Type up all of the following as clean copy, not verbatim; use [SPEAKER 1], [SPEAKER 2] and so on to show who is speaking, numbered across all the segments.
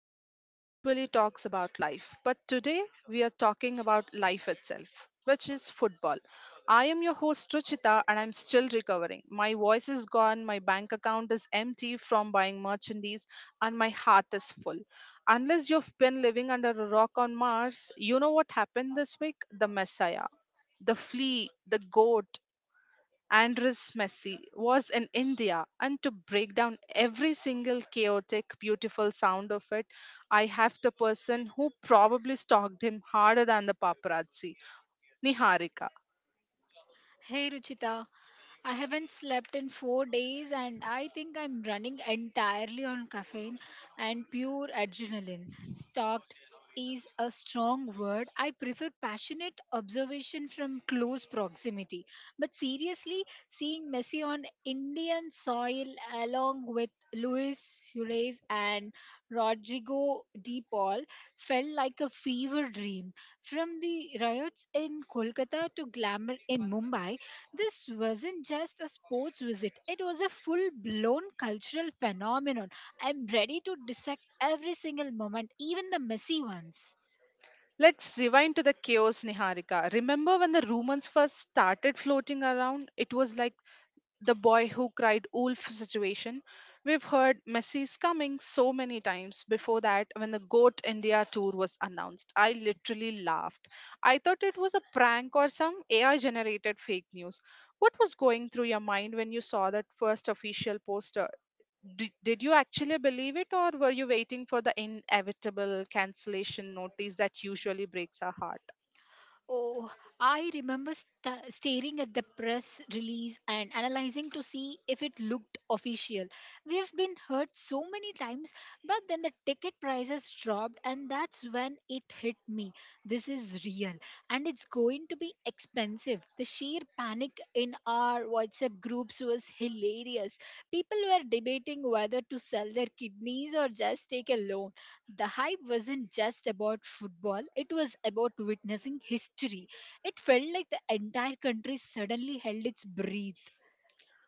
[SPEAKER 1] podcast that usually talks about life, but today we are talking about life itself, which is football. I am your host, Ruchita, and I'm still recovering. My voice is gone, my bank account is empty from buying merchandise, and my heart is full. Unless you've been living under a rock on Mars, you know what happened this week? The Messiah, the flea, the goat, Andres Messi was in India, and to break down every single chaotic, beautiful sound of it, I have the person who probably stalked him harder than the paparazzi. Niharika.
[SPEAKER 2] Hey Ruchita, I haven't slept in 4 days and I think I'm running entirely on caffeine and pure adrenaline. Stalked is a strong word. I prefer passionate observation from close proximity. But seriously, seeing Messi on Indian soil along with Luis Suarez and Rodrigo De Paul felt like a fever dream. From the riots in Kolkata to glamour in Mumbai, this wasn't just a sports visit, it was a full blown cultural phenomenon. I'm ready to dissect every single moment, even the messy ones.
[SPEAKER 1] Let's rewind to the chaos, Niharika. Remember when the rumors first started floating around? It was like the boy who cried wolf situation. We've heard Messi's coming so many times before that when the GOAT India tour was announced, I literally laughed. I thought it was a prank or some AI generated fake news. What was going through your mind when you saw that first official poster? Did you actually believe it, or were you waiting for the inevitable cancellation notice that usually breaks our heart?
[SPEAKER 2] Oh, I remember staring at the press release and analyzing to see if it looked official. We have been heard so many times, but then the ticket prices dropped, and that's when it hit me. This is real, and it's going to be expensive. The sheer panic in our WhatsApp groups was hilarious. People were debating whether to sell their kidneys or just take a loan. The hype wasn't just about football, it was about witnessing history. It felt like the entire country suddenly held its breath.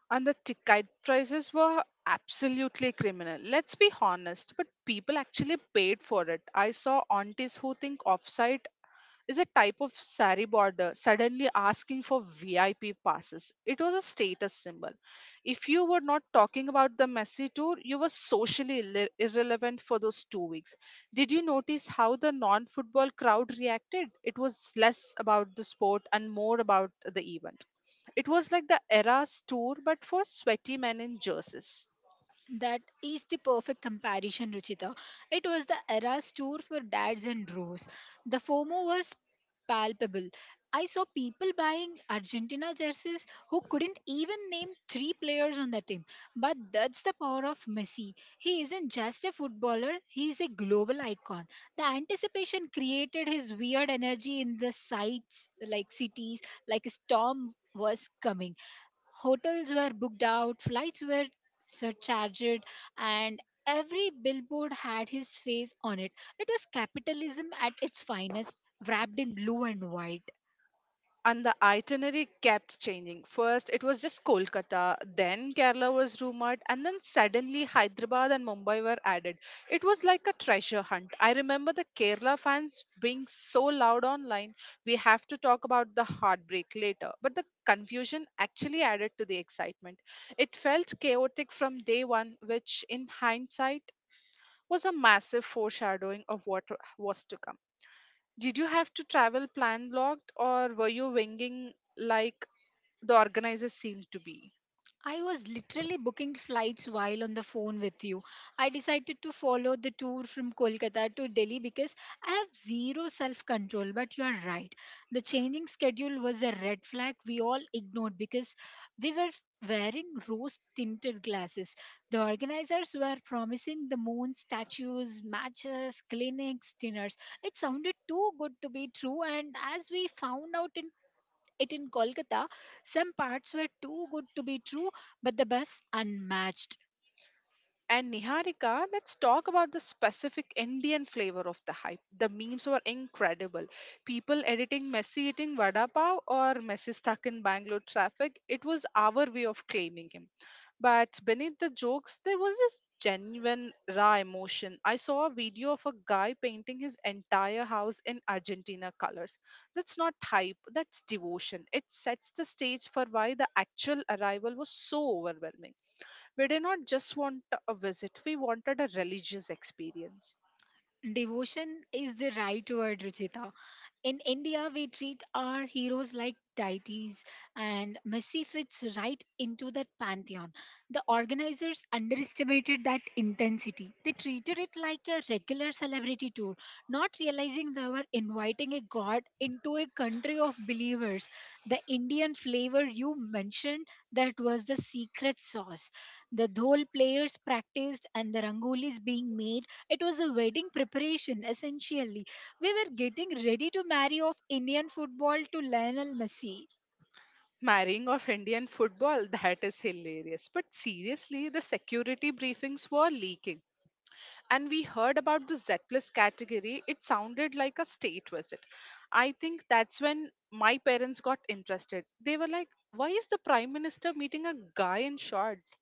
[SPEAKER 1] And the ticket prices were absolutely criminal. Let's be honest, but people actually paid for it. I saw aunties who think offsite is a type of sari border suddenly asking for VIP passes. It was a status symbol. If you were not talking about the messy tour, you were irrelevant for those 2 weeks. Did you notice how the non football crowd reacted? It was less about the sport and more about the event. It was like the Eras tour, but for sweaty men in jerseys.
[SPEAKER 2] That is the perfect comparison, Ruchita. It was the era's tour for dads and bros. The FOMO was palpable. I saw people buying Argentina jerseys who couldn't even name three players on the team. But that's the power of Messi. He isn't just a footballer, he is a global icon. The anticipation created his weird energy in the sights, like cities, like a storm was coming. Hotels were booked out, flights were surcharged, and every billboard had his face on it. It was capitalism at its finest, wrapped in blue and white.
[SPEAKER 1] And the itinerary kept changing. First, it was just Kolkata, then Kerala was rumored, and then suddenly Hyderabad and Mumbai were added. It was like a treasure hunt. I remember the Kerala fans being so loud online. We have to talk about the heartbreak later, but the confusion actually added to the excitement. It felt chaotic from day one, which in hindsight was a massive foreshadowing of what was to come. Did you have to travel plan blocked, or were you winging like the organizers seemed to be?
[SPEAKER 2] I was literally booking flights while on the phone with you. I decided to follow the tour from Kolkata to Delhi because I have zero self control. But you are right. The changing schedule was a red flag we all ignored because we were wearing rose tinted glasses. The organizers were promising the moon, statues, matches, clinics, dinners. It sounded too good to be true. And as we found out in it in Kolkata, some parts were too good to be true, but the bus unmatched.
[SPEAKER 1] And Niharika, let's talk about the specific Indian flavor of the hype. The memes were incredible. People editing Messi eating vada pav or Messi stuck in Bangalore traffic, it was our way of claiming him. But beneath the jokes, there was this genuine, raw emotion. I saw a video of a guy painting his entire house in Argentina colors. That's not hype, that's devotion. It sets the stage for why the actual arrival was so overwhelming. We did not just want a visit, we wanted a religious experience.
[SPEAKER 2] Devotion is the right word, Ruchita. In India, we treat our heroes like deities, and Messi fits right into that pantheon. The organizers underestimated that intensity. They treated it like a regular celebrity tour, not realizing they were inviting a god into a country of believers. The Indian flavor you mentioned, that was the secret sauce. The dhol players practiced and the rangolis being made. It was a wedding preparation, essentially we were getting ready to marry off Indian football to Lionel Messi.
[SPEAKER 1] Marrying of Indian football, that is hilarious. But seriously, the security briefings were leaking. And we heard about the Z plus category, it sounded like a state visit. I think that's when my parents got interested. They were like, why is the prime minister meeting a guy in shorts?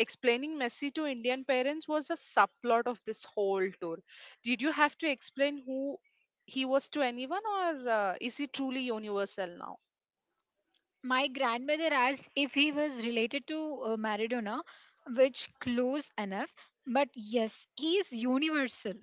[SPEAKER 1] Explaining Messi to Indian parents was a subplot of this whole tour. Did you have to explain who he was to anyone, or is he truly universal now?
[SPEAKER 2] My grandmother asked if he was related to Maradona, which close enough, but yes, he is universal.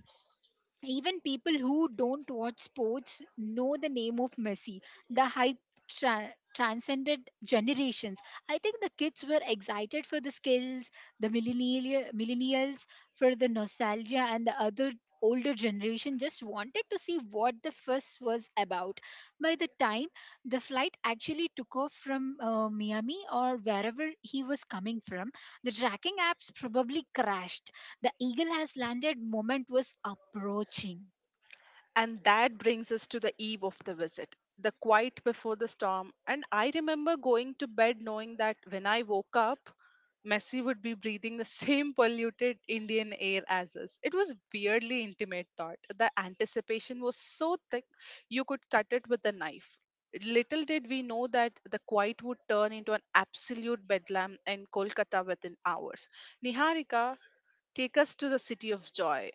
[SPEAKER 2] Even people who don't watch sports know the name of Messi. The hype transcended generations. I think the kids were excited for the skills, the millennials for the nostalgia, and the other older generation just wanted to see what the fuss was about. By the time the flight actually took off from Miami or wherever he was coming from, the tracking apps probably crashed. The eagle has landed moment was approaching.
[SPEAKER 1] And that brings us to the eve of the visit, the quiet before the storm. And I remember going to bed knowing that when I woke up, Messi would be breathing the same polluted Indian air as us. It was weirdly intimate thought. The anticipation was so thick you could cut it with a knife. Little did we know that the quiet would turn into an absolute bedlam in Kolkata within hours. Niharika, take us to the city of joy.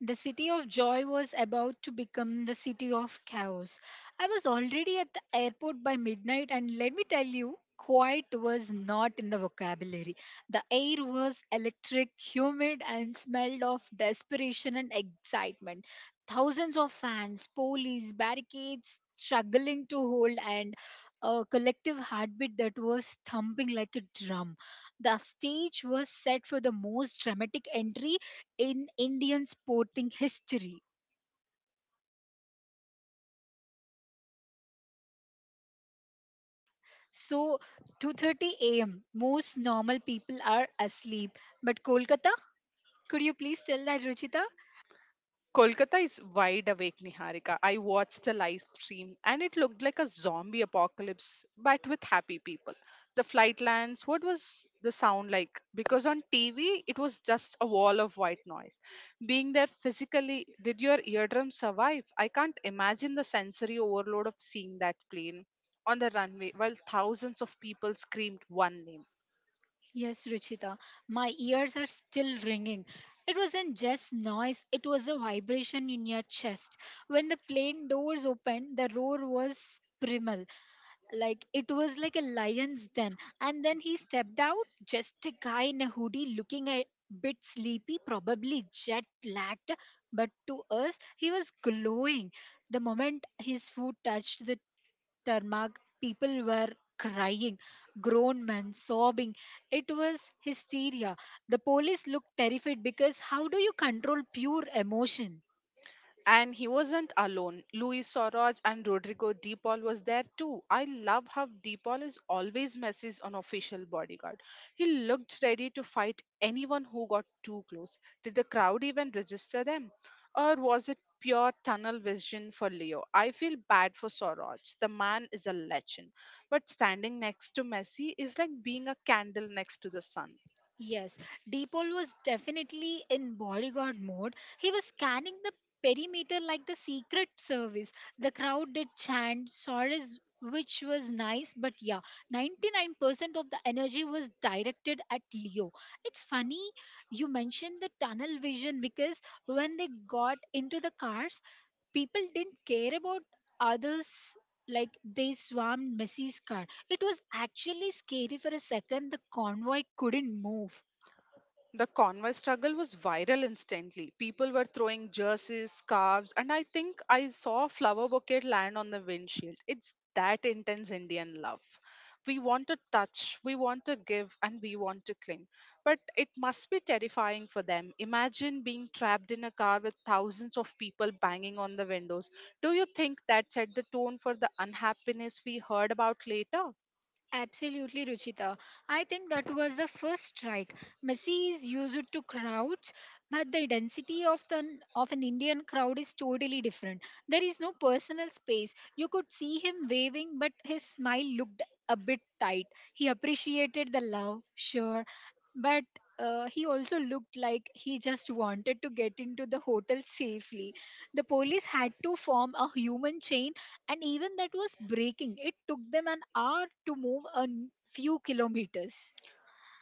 [SPEAKER 2] The city of joy was about to become the city of chaos. I was already at the airport by midnight, and let me tell you, quiet was not in the vocabulary. The air was electric, humid, and smelled of desperation and excitement. Thousands of fans, police, barricades struggling to hold, and a collective heartbeat that was thumping like a drum. The stage was set for the most dramatic entry in Indian sporting history. So, 2:30 a.m. Most normal people are asleep, but Kolkata. Could you please tell that, Ruchita?
[SPEAKER 1] Kolkata is wide awake, Niharika. I watched the live stream and it looked like a zombie apocalypse, but with happy people. The flight lands, what was the sound like? Because on TV, it was just a wall of white noise. Being there physically, did your eardrums survive? I can't imagine the sensory overload of seeing that plane on the runway while thousands of people screamed one name.
[SPEAKER 2] Yes, Ruchita. My ears are still ringing. It wasn't just noise; it was a vibration in your chest. When the plane doors opened, the roar was primal. Like it was like a lion's den, and then he stepped out, just a guy in a hoodie, looking a bit sleepy, probably jet lagged, but to us he was glowing. The moment his foot touched the tarmac, people were crying, grown men sobbing. It was hysteria. The police looked terrified, because how do you control pure emotion?
[SPEAKER 1] And he wasn't alone. Luis Soroj and Rodrigo De Paul was there too. I love how De Paul is always Messi's unofficial bodyguard. He looked ready to fight anyone who got too close. Did the crowd even register them? Or was it pure tunnel vision for Leo? I feel bad for Soroj. The man is a legend, but standing next to Messi is like being a candle next to the sun.
[SPEAKER 2] Yes, Deepol was definitely in bodyguard mode. He was scanning the perimeter like the secret service. The crowd did chant Sora's, which was nice, but yeah, 99% of the energy was directed at Leo. It's funny you mentioned the tunnel vision because when they got into the cars, people didn't care about others. Like, they swarmed Missy's car. It was actually scary for a second. The convoy couldn't move.
[SPEAKER 1] The convoy struggle was viral instantly. People were throwing jerseys, scarves, and I think I saw a flower bouquet land on the windshield. It's that intense Indian love. We want to touch, we want to give, and we want to cling. But it must be terrifying for them. Imagine being trapped in a car with thousands of people banging on the windows. Do you think that set the tone for the unhappiness we heard about later?
[SPEAKER 2] Absolutely, Ruchita. I think that was the first strike. Messi is used to crowds, but the density of the of an Indian crowd is totally different. There is no personal space. You could see him waving, but his smile looked a bit tight. He appreciated the love, sure, but he also looked like he just wanted to get into the hotel safely. The police had to form a human chain and even that was breaking. It took them an hour to move a few kilometers.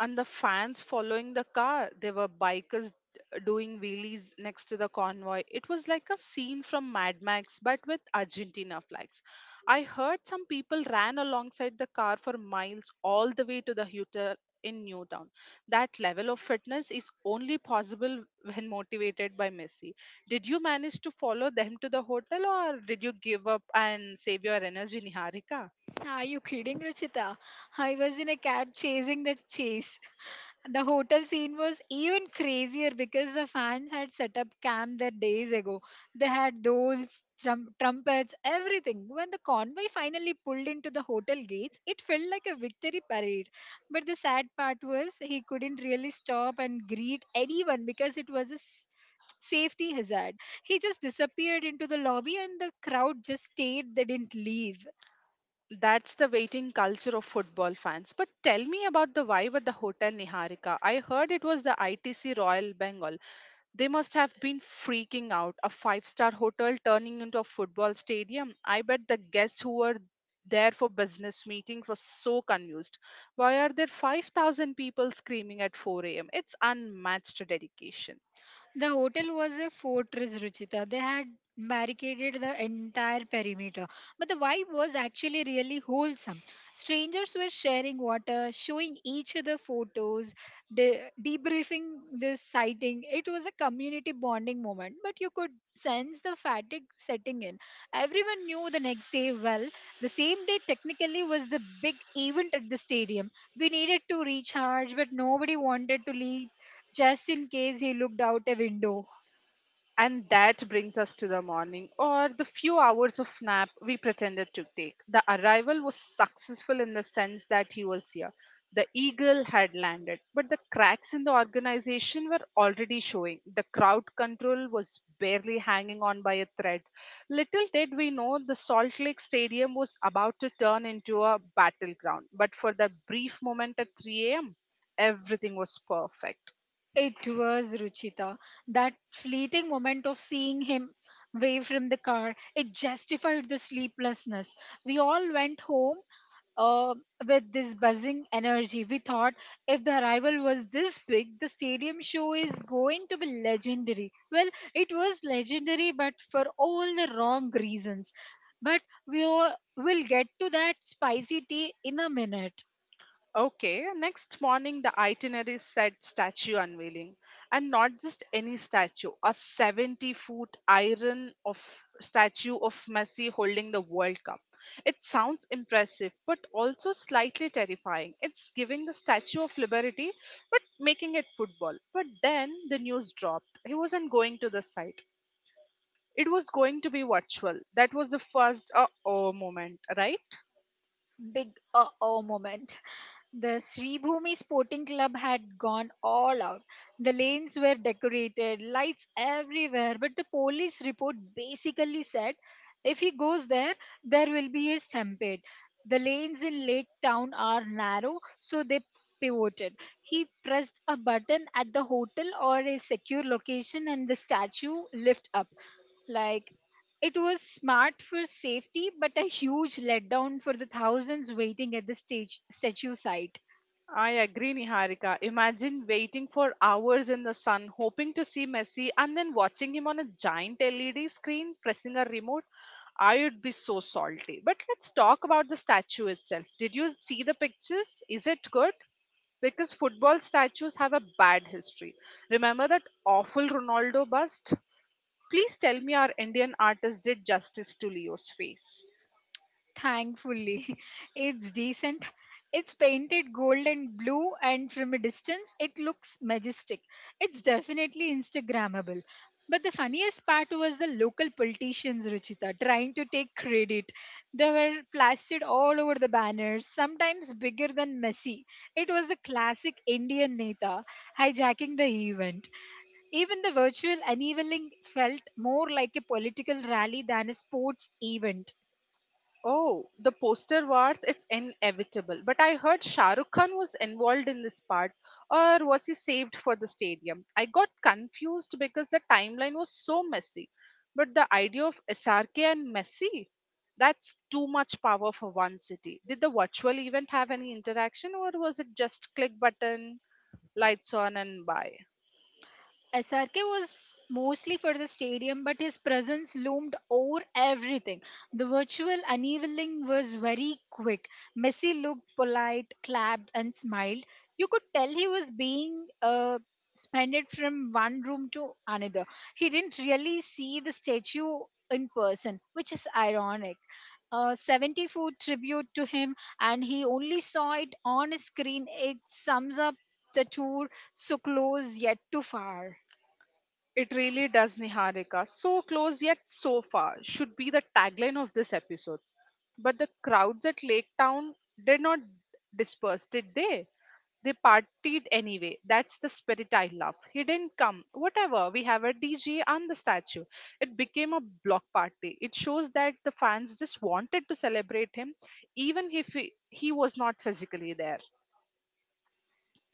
[SPEAKER 1] And the fans following the car. There were bikers doing wheelies next to the convoy. It was like a scene from Mad Max, but with Argentina flags. I heard some people ran alongside the car for miles, all the way to the Hutter in Newtown. That level of fitness is only possible when motivated by Messi. Did you manage to follow them to the hotel, or did you give up and save your energy, Niharika?
[SPEAKER 2] Are you kidding, Ruchita? I was in a cab chasing the chase. The hotel scene was even crazier because the fans had set up camp there days ago. They had those trumpets, everything. When the convoy finally pulled into the hotel gates, it felt like a victory parade. But the sad part was he couldn't really stop and greet anyone because it was a safety hazard. He just disappeared into the lobby and the crowd just stayed. They didn't leave.
[SPEAKER 1] That's the waiting culture of football fans. But tell me about the vibe at the Hotel Niharika. I heard it was the ITC Royal Bengal. They must have been freaking out. A five-star hotel turning into a football stadium. I bet the guests who were there for business meeting were so confused. Why are there 5,000 people screaming at 4 a.m.? It's unmatched dedication.
[SPEAKER 2] The hotel was a fortress, Ruchita. They had barricaded the entire perimeter. But the vibe was actually really wholesome. Strangers were sharing water, showing each other photos, debriefing this sighting. It was a community bonding moment, but you could sense the fatigue setting in. Everyone knew the next day well. The same day, technically, was the big event at the stadium. We needed to recharge, but nobody wanted to leave just in case he looked out a window.
[SPEAKER 1] And that brings us to the morning, or the few hours of nap we pretended to take. The arrival was successful in the sense that he was here. The eagle had landed, but the cracks in the organization were already showing. The crowd control was barely hanging on by a thread. Little did we know the Salt Lake Stadium was about to turn into a battleground, but for that brief moment at 3 a.m., everything was perfect.
[SPEAKER 2] It was Ruchita. That fleeting moment of seeing him away from the car, it justified the sleeplessness. We all went home uh, with this buzzing energy. We thought if the arrival was this big, the stadium show is going to be legendary. Well, it was legendary, but for all the wrong reasons. But we all will get to that spicy tea in a minute.
[SPEAKER 1] Okay, next morning the itinerary said statue unveiling, and not just any statue, a 70-foot iron of statue of Messi holding the World Cup. It sounds impressive, but also slightly terrifying. It's giving the Statue of Liberty, but making it football. But then the news dropped. He wasn't going to the site. It was going to be virtual. That was the first uh oh moment, right?
[SPEAKER 2] Big uh oh moment. The Sri Bhumi Sporting Club had gone all out. The lanes were decorated, lights everywhere, but the police report basically said if he goes there, there will be a stampede. The lanes in Lake Town are narrow, so they pivoted. He pressed a button at the hotel or a secure location, and the statue lifted up. Like, it was smart for safety, but a huge letdown for the thousands waiting at the stage statue site.
[SPEAKER 1] I agree, Niharika. Imagine waiting for hours in the sun, hoping to see Messi, and then watching him on a giant LED screen pressing a remote. I would be so salty. But let's talk about the statue itself. Did you see the pictures? Is it good? Because football statues have a bad history. Remember that awful Ronaldo bust? Please tell me our Indian artist did justice to Leo's face.
[SPEAKER 2] Thankfully, it's decent. It's painted gold and blue, and from a distance, it looks majestic. It's definitely Instagrammable. But the funniest part was the local politicians, Ruchita, trying to take credit. They were plastered all over the banners, sometimes bigger than Messi. It was a classic Indian Neta hijacking the event. Even the virtual unveiling felt more like a political rally than a sports event.
[SPEAKER 1] Oh, the poster wars, it's inevitable. But I heard Shah Rukh Khan was involved in this part, or was he saved for the stadium? I got confused because the timeline was so messy. But the idea of SRK and Messi, that's too much power for one city. Did the virtual event have any interaction, or was it just click button, lights on, and bye?
[SPEAKER 2] SRK was mostly for the stadium, but his presence loomed over everything. The virtual unveiling was very quick. Messi looked polite, clapped, and smiled. You could tell he was being suspended from one room to another. He didn't really see the statue in person, which is ironic. A 70-foot tribute to him, and he only saw it on a screen. It sums up the tour, so close yet too far.
[SPEAKER 1] It really does, Niharika. So close yet so far should be the tagline of this episode. But the crowds at Lake Town did not disperse, did they? They partied anyway. That's the spirit I love. He didn't come. Whatever, we have a DJ and the statue. It became a block party. It shows that the fans just wanted to celebrate him, even if he was not physically there.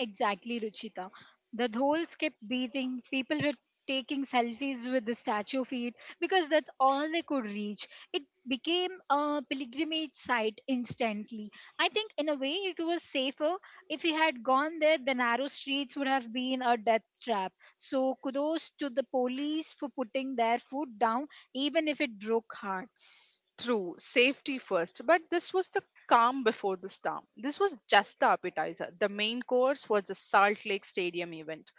[SPEAKER 2] Exactly, Ruchita. The dhols kept beating. People were taking selfies with the statue feet because that's all they could reach. It became a pilgrimage site instantly. I think, in a way, it was safer. If we had gone there, the narrow streets would have been a death trap. So, kudos to the police for putting their foot down, even if it broke hearts.
[SPEAKER 1] True, safety first, but this was the calm before the storm. This was just the appetizer. The main course was the Salt Lake Stadium event.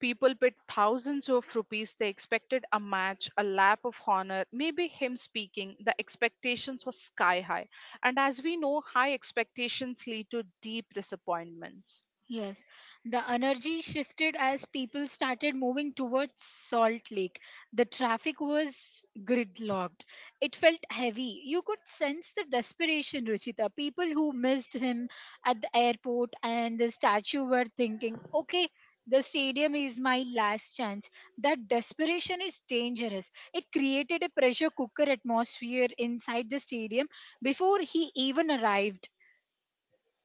[SPEAKER 1] People paid thousands of rupees. They expected a match, a lap of honor, maybe him speaking. The expectations were sky high. And as we know, high expectations lead to deep disappointments.
[SPEAKER 2] Yes, the energy shifted as people started moving towards Salt Lake. The traffic was gridlocked. It felt heavy. You could sense the desperation, Ruchita. People who missed him at the airport and the statue were thinking, okay, the stadium is my last chance. That desperation is dangerous. It created a pressure cooker atmosphere inside the stadium before he even arrived.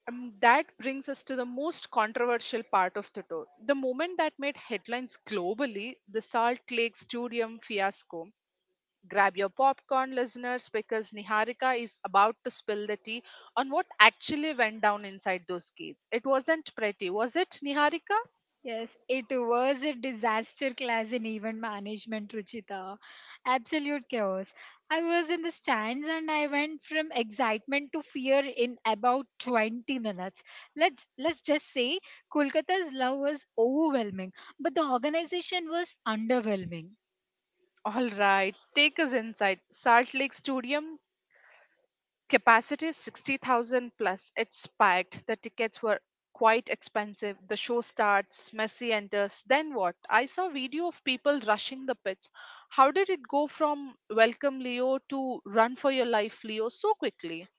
[SPEAKER 1] That brings us to the most controversial part of the tour. The moment that made headlines globally, the Salt Lake Stadium fiasco. Grab your popcorn, listeners, because Niharika is about to spill the tea on what actually went down inside those gates. It wasn't pretty, was it, Niharika?
[SPEAKER 2] Yes, it was a disaster class in event management, Ruchita. Absolute chaos. I was in the stands and I went from excitement to fear in about 20 minutes. Let's just say Kolkata's love was overwhelming, but the organization was underwhelming.
[SPEAKER 1] All right, take us inside. Salt Lake Stadium capacity 60,000 plus. It's packed. The tickets were quite expensive. The show starts, Messi enters. Then what? I saw video of people rushing the pitch. How did it go from welcome Leo to run for your life Leo so quickly?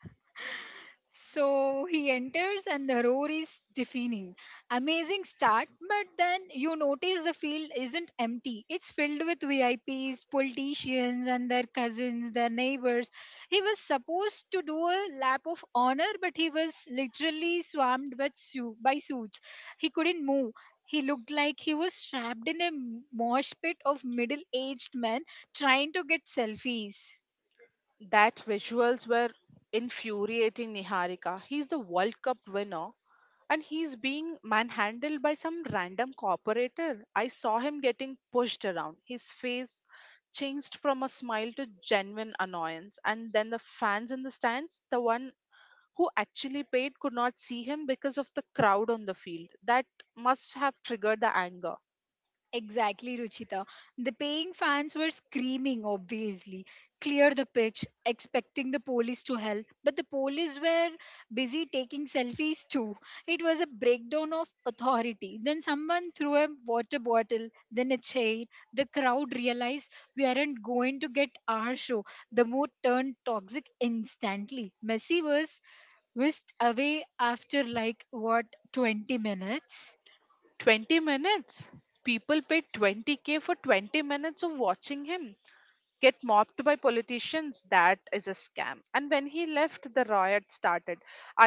[SPEAKER 2] So he enters, and the roar is deafening. Amazing start, but then you notice the field isn't empty. It's filled with VIPs, politicians, and their cousins, their neighbors. He was supposed to do a lap of honor, but he was literally swarmed with by suits. He couldn't move. He looked like he was trapped in a mosh pit of middle aged men trying to get selfies.
[SPEAKER 1] That visuals were infuriating Niharika. He's the World Cup winner and he's being manhandled by some random corporator. I saw him getting pushed around. His face changed from a smile to genuine annoyance. And then the fans in the stands, the one who actually paid could not see him because of the crowd on the field. That must have triggered the anger.
[SPEAKER 2] Exactly, Ruchita. The paying fans were screaming, obviously. Clear the pitch, expecting the police to help. But the police were busy taking selfies too. It was a breakdown of authority. Then someone threw a water bottle, then a chair. The crowd realized we aren't going to get our show. The mood turned toxic instantly. Messi was whisked away after like, what, 20 minutes?
[SPEAKER 1] 20 minutes? People paid 20K for 20 minutes of watching him get mopped by politicians. That is a scam. And when he left, the riot started.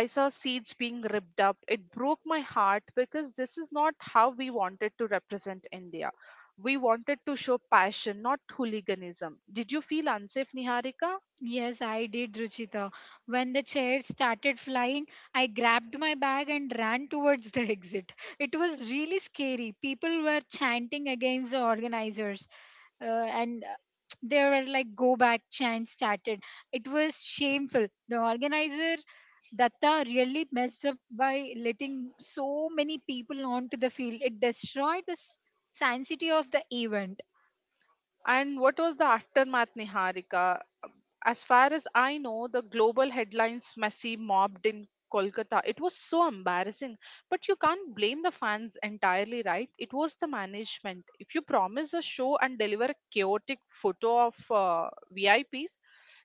[SPEAKER 1] I saw seats being ripped up. It broke my heart because this is not how we wanted to represent india. We wanted to show passion, not hooliganism. Did you feel unsafe, niharika?
[SPEAKER 2] Yes, I did, Ruchita. When the chair started flying, I grabbed my bag and ran towards the exit. It was really scary. People were chanting against the organizers, and there were like go back chants started. It was shameful. The organizer, Datta, really messed up by letting so many people onto the field. It destroyed the sanctity of the event.
[SPEAKER 1] And what was the aftermath, Niharika? As far as I know, the global headlines, Messi mobbed in Kolkata. It was so embarrassing. But you can't blame the fans entirely, right? It was the management. If you promise a show and deliver a chaotic photo of VIPs,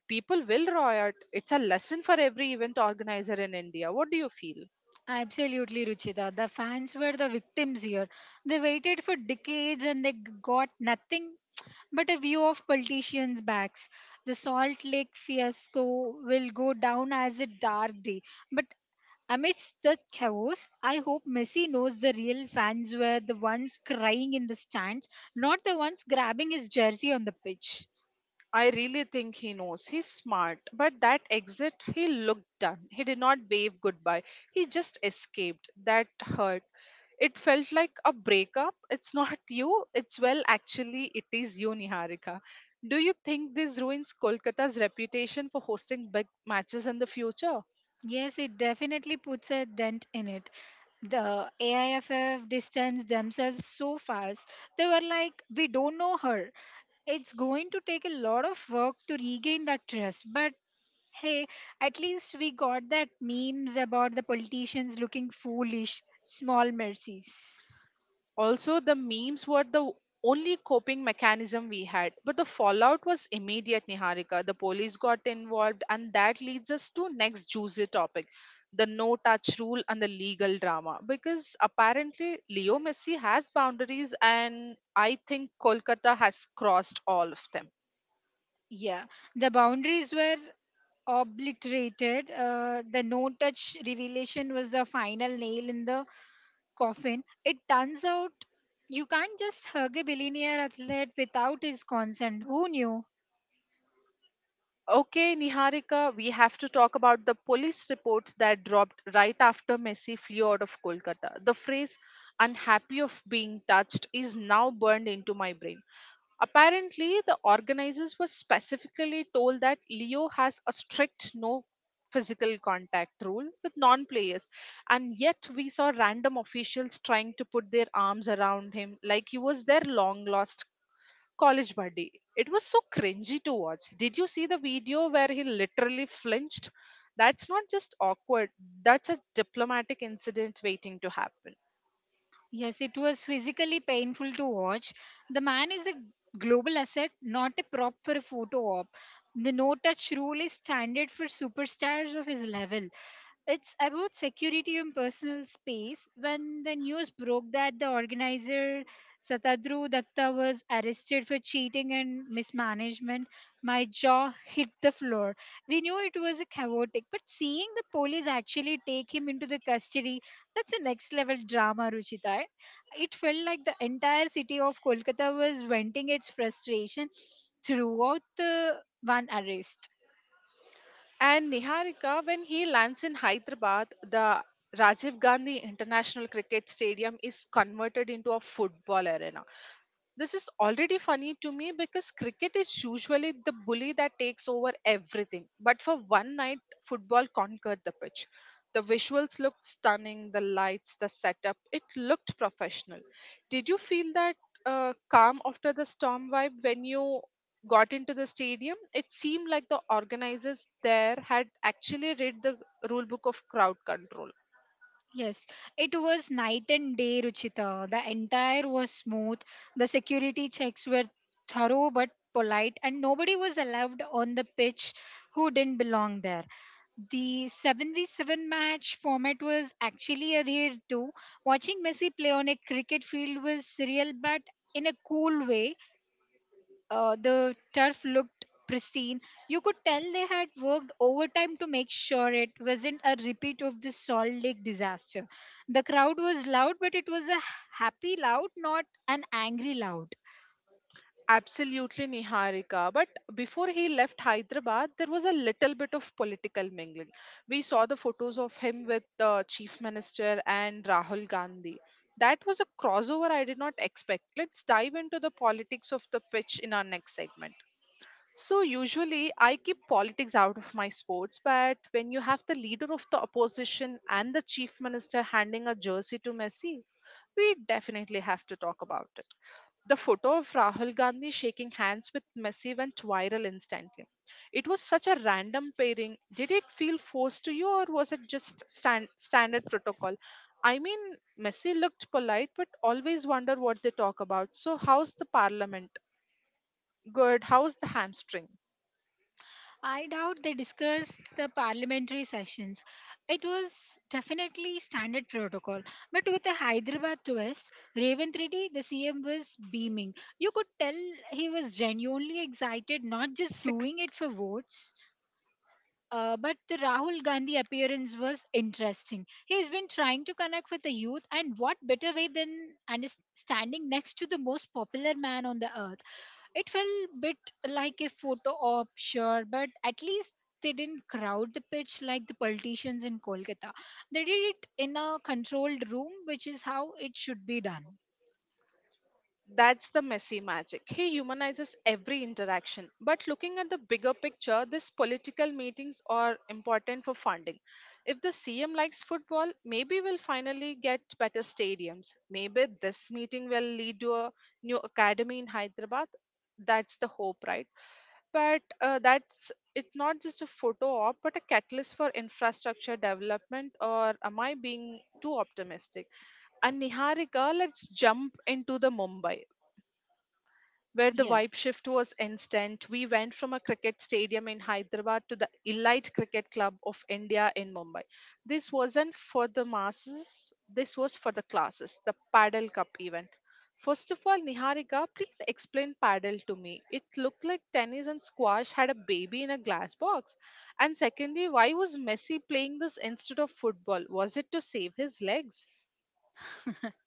[SPEAKER 1] people will riot. It's a lesson for every event organizer in India. What do you feel?
[SPEAKER 2] Absolutely, Ruchita. The fans were the victims here. They waited for decades and they got nothing but a view of politicians' backs. The Salt Lake fiasco will go down as a dark day. But amidst the chaos, I hope Messi knows the real fans were the ones crying in the stands, not the ones grabbing his jersey on the pitch.
[SPEAKER 1] I really think he knows. He's smart. But that exit, he looked done. He did not wave goodbye. He just escaped. That hurt. It felt like a breakup. It's not you. It's, well, actually, it is you, Niharika. Do you think this ruins Kolkata's reputation for hosting big matches in the future?
[SPEAKER 2] Yes, it definitely puts a dent in it. The AIFF distanced themselves so fast. They were like, we don't know her. It's going to take a lot of work to regain that trust. But hey, at least we got that memes about the politicians looking foolish. Small mercies.
[SPEAKER 1] Also, the memes were the only coping mechanism we had. But the fallout was immediate, Niharika. The police got involved, and that leads us to next juicy topic, the no touch rule and the legal drama. Because apparently, Leo Messi has boundaries, and I think Kolkata has crossed all of them.
[SPEAKER 2] Yeah. The boundaries were obliterated. The no touch revelation was the final nail in the coffin. It turns out you can't just hug a billionaire athlete without his consent. Who knew?
[SPEAKER 1] Okay, Niharika, we have to talk about the police report that dropped right after Messi flew out of Kolkata. The phrase unhappy of being touched is now burned into my brain. Apparently, the organizers were specifically told that Leo has a strict no physical contact rule with non players, and yet we saw random officials trying to put their arms around him like he was their long lost College Buddy. It was so cringy to watch. Did you see the video where he literally flinched? That's not just awkward, that's a diplomatic incident waiting to happen.
[SPEAKER 2] Yes, it was physically painful to watch. The man is a global asset, not a prop for a photo op. The no touch rule is standard for superstars of his level. It's about security and personal space. When the news broke that the organizer Satadru Datta was arrested for cheating and mismanagement, my jaw hit the floor. We knew it was a chaotic, but seeing the police actually take him into the custody, that's a next level drama, Ruchita. It felt like the entire city of Kolkata was venting its frustration throughout the one arrest.
[SPEAKER 1] And Niharika, when he lands in Hyderabad, the Rajiv Gandhi International Cricket Stadium is converted into a football arena. This is already funny to me because cricket is usually the bully that takes over everything. But for one night, football conquered the pitch. The visuals looked stunning, the lights, the setup, it looked professional. Did you feel that calm after the storm vibe when you got into the stadium? It seemed like the organizers there had actually read the rule book of crowd control.
[SPEAKER 2] Yes, it was night and day, Ruchita. The entire was smooth. The security checks were thorough but polite, and nobody was allowed on the pitch who didn't belong there. The 7v7 match format was actually adhered to. Watching Messi play on a cricket field was surreal but in a cool way. The turf looked pristine. You could tell they had worked overtime to make sure it wasn't a repeat of the Salt Lake disaster. The crowd was loud, but it was a happy loud, not an angry loud.
[SPEAKER 1] Absolutely, Niharika. But before he left Hyderabad, there was a little bit of political mingling. We saw the photos of him with the Chief Minister and Rahul Gandhi. That was a crossover I did not expect. Let's dive into the politics of the pitch in our next segment. So, usually I keep politics out of my sports, but when you have the leader of the opposition and the Chief Minister handing a jersey to Messi, we definitely have to talk about it. The photo of Rahul Gandhi shaking hands with Messi went viral instantly. It was such a random pairing. Did it feel forced to you, or was it just standard protocol? I mean, Messi looked polite, but always wonder what they talk about. So, how's the parliament? Good. How's the hamstring?
[SPEAKER 2] I doubt they discussed the parliamentary sessions. It was definitely standard protocol, but with a Hyderabad twist. Raven Reddy, the CM, was beaming. You could tell he was genuinely excited, not just doing it for votes. But the Rahul Gandhi appearance was interesting. He's been trying to connect with the youth, and what better way than and is standing next to the most popular man on the earth? It felt a bit like a photo op, sure, but at least they didn't crowd the pitch like the politicians in Kolkata. They did it in a controlled room, which is how it should be done.
[SPEAKER 1] That's the messy magic. He humanizes every interaction. But looking at the bigger picture, these political meetings are important for funding. If the CM likes football, maybe we'll finally get better stadiums. Maybe this meeting will lead to a new academy in Hyderabad. That's the hope, right? But that's, it's not just a photo op, but a catalyst for infrastructure development. Or am I being too optimistic? And Niharika, let's jump into the Mumbai where the
[SPEAKER 2] Yes.
[SPEAKER 1] vibe shift was instant. We went from a cricket stadium in Hyderabad to the elite cricket club of India in Mumbai. This wasn't for the masses, this was for the classes, the Paddle Cup event. First of all, Niharika, please explain paddle to me. It looked like tennis and squash had a baby in a glass box. And secondly, why was Messi playing this instead of football? Was it to save his legs?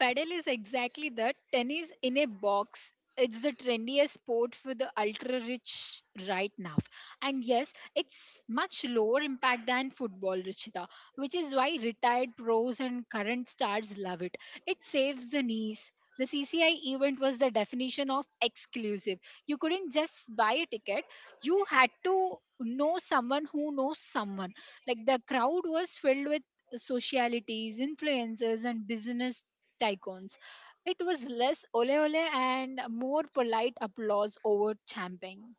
[SPEAKER 2] Paddle is exactly that, tennis in a box. It's the trendiest sport for the ultra rich right now. And yes, it's much lower impact than football, Richita, which is why retired pros and current stars love it. It saves the knees. The CCI event was the definition of exclusive. You couldn't just buy a ticket, you had to know someone who knows someone. Like the crowd was filled with socialities, influencers, and business tycoons. It was less ole ole and more polite applause over champing.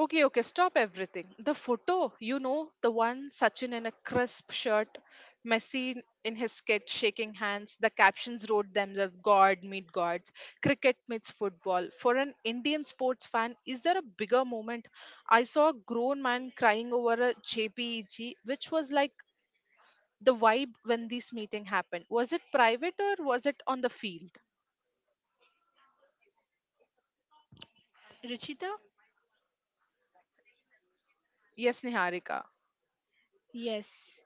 [SPEAKER 1] Okay, okay, stop everything. The photo, you know the one, Sachin in a crisp shirt, Messi in his kit shaking hands. The captions wrote themselves, God meet gods, cricket meets football. For an Indian sports fan, is there a bigger moment? I saw a grown man crying over a JPEG, which was like the vibe when this meeting happened. Was it private or was it on the field?
[SPEAKER 2] Ruchita?
[SPEAKER 1] Yes, Niharika.
[SPEAKER 2] Yes.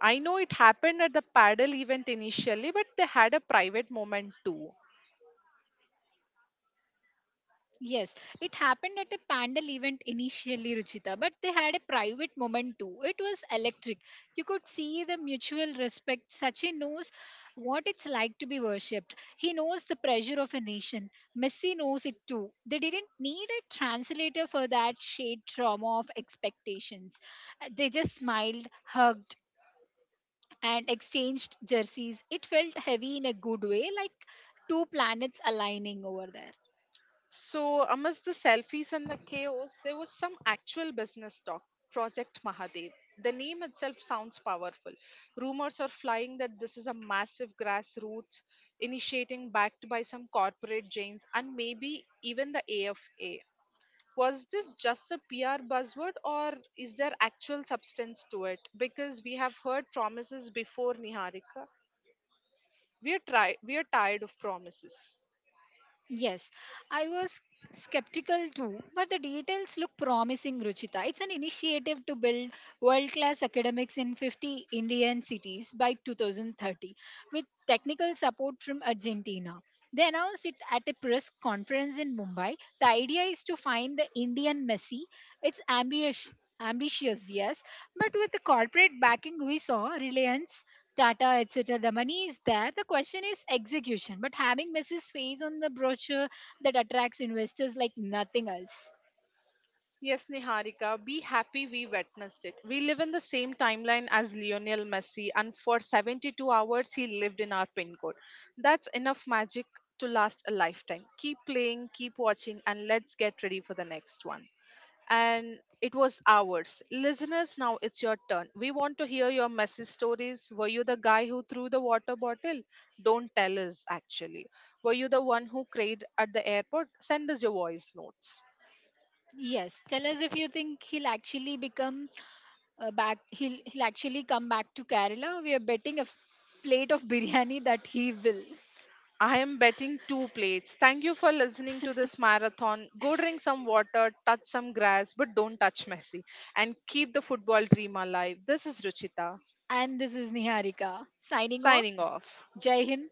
[SPEAKER 1] I know it happened at the paddle event initially, but they had a private moment too.
[SPEAKER 2] Yes, it happened at a pandal event initially, Ruchita, but they had a private moment too. It was electric. You could see the mutual respect. Sachin knows what it's like to be worshipped. He knows the pressure of a nation. Messi knows it too. They didn't need a translator for that shade trauma of expectations. They just smiled, hugged, and exchanged jerseys. It felt heavy in a good way, like two planets aligning over there.
[SPEAKER 1] So, amidst the selfies and the chaos, there was some actual business talk, Project Mahadev. The name itself sounds powerful. Rumors are flying that this is a massive grassroots initiating backed by some corporate giants and maybe even the AFA. Was this just a PR buzzword or is there actual substance to it? Because we have heard promises before, Niharika. We are, we are tired of promises.
[SPEAKER 2] Yes, I was skeptical too, but the details look promising, Ruchita. It's an initiative to build world class academics in 50 Indian cities by 2030 with technical support from Argentina. They announced it at a press conference in Mumbai. The idea is to find the Indian Messi. It's ambitious. Ambitious, yes, but with the corporate backing we saw, Reliance Tata, etc. The money is there. The question is execution. But having Mrs. face on the brochure that attracts investors like nothing else.
[SPEAKER 1] Yes, Niharika, be happy we witnessed it. We live in the same timeline as Lionel Messi, and for 72 hours he lived in our pin code. That's enough magic to last a lifetime. Keep playing, keep watching, and let's get ready for the next one. And it was ours. Listeners, now it's your turn. We want to hear your messy stories. Were you the guy who threw the water bottle? Don't tell us, actually. Were you the one who cried at the airport? Send us your voice notes.
[SPEAKER 2] Yes, tell us if you think he'll actually come back to Kerala. We are betting a plate of biryani that he will.
[SPEAKER 1] I am betting two plates. Thank you for listening to this marathon. Go drink some water, touch some grass, but don't touch Messi. And keep the football dream alive. This is Ruchita,
[SPEAKER 2] And this is Niharika signing off.
[SPEAKER 1] signing off.
[SPEAKER 2] Jai Hind.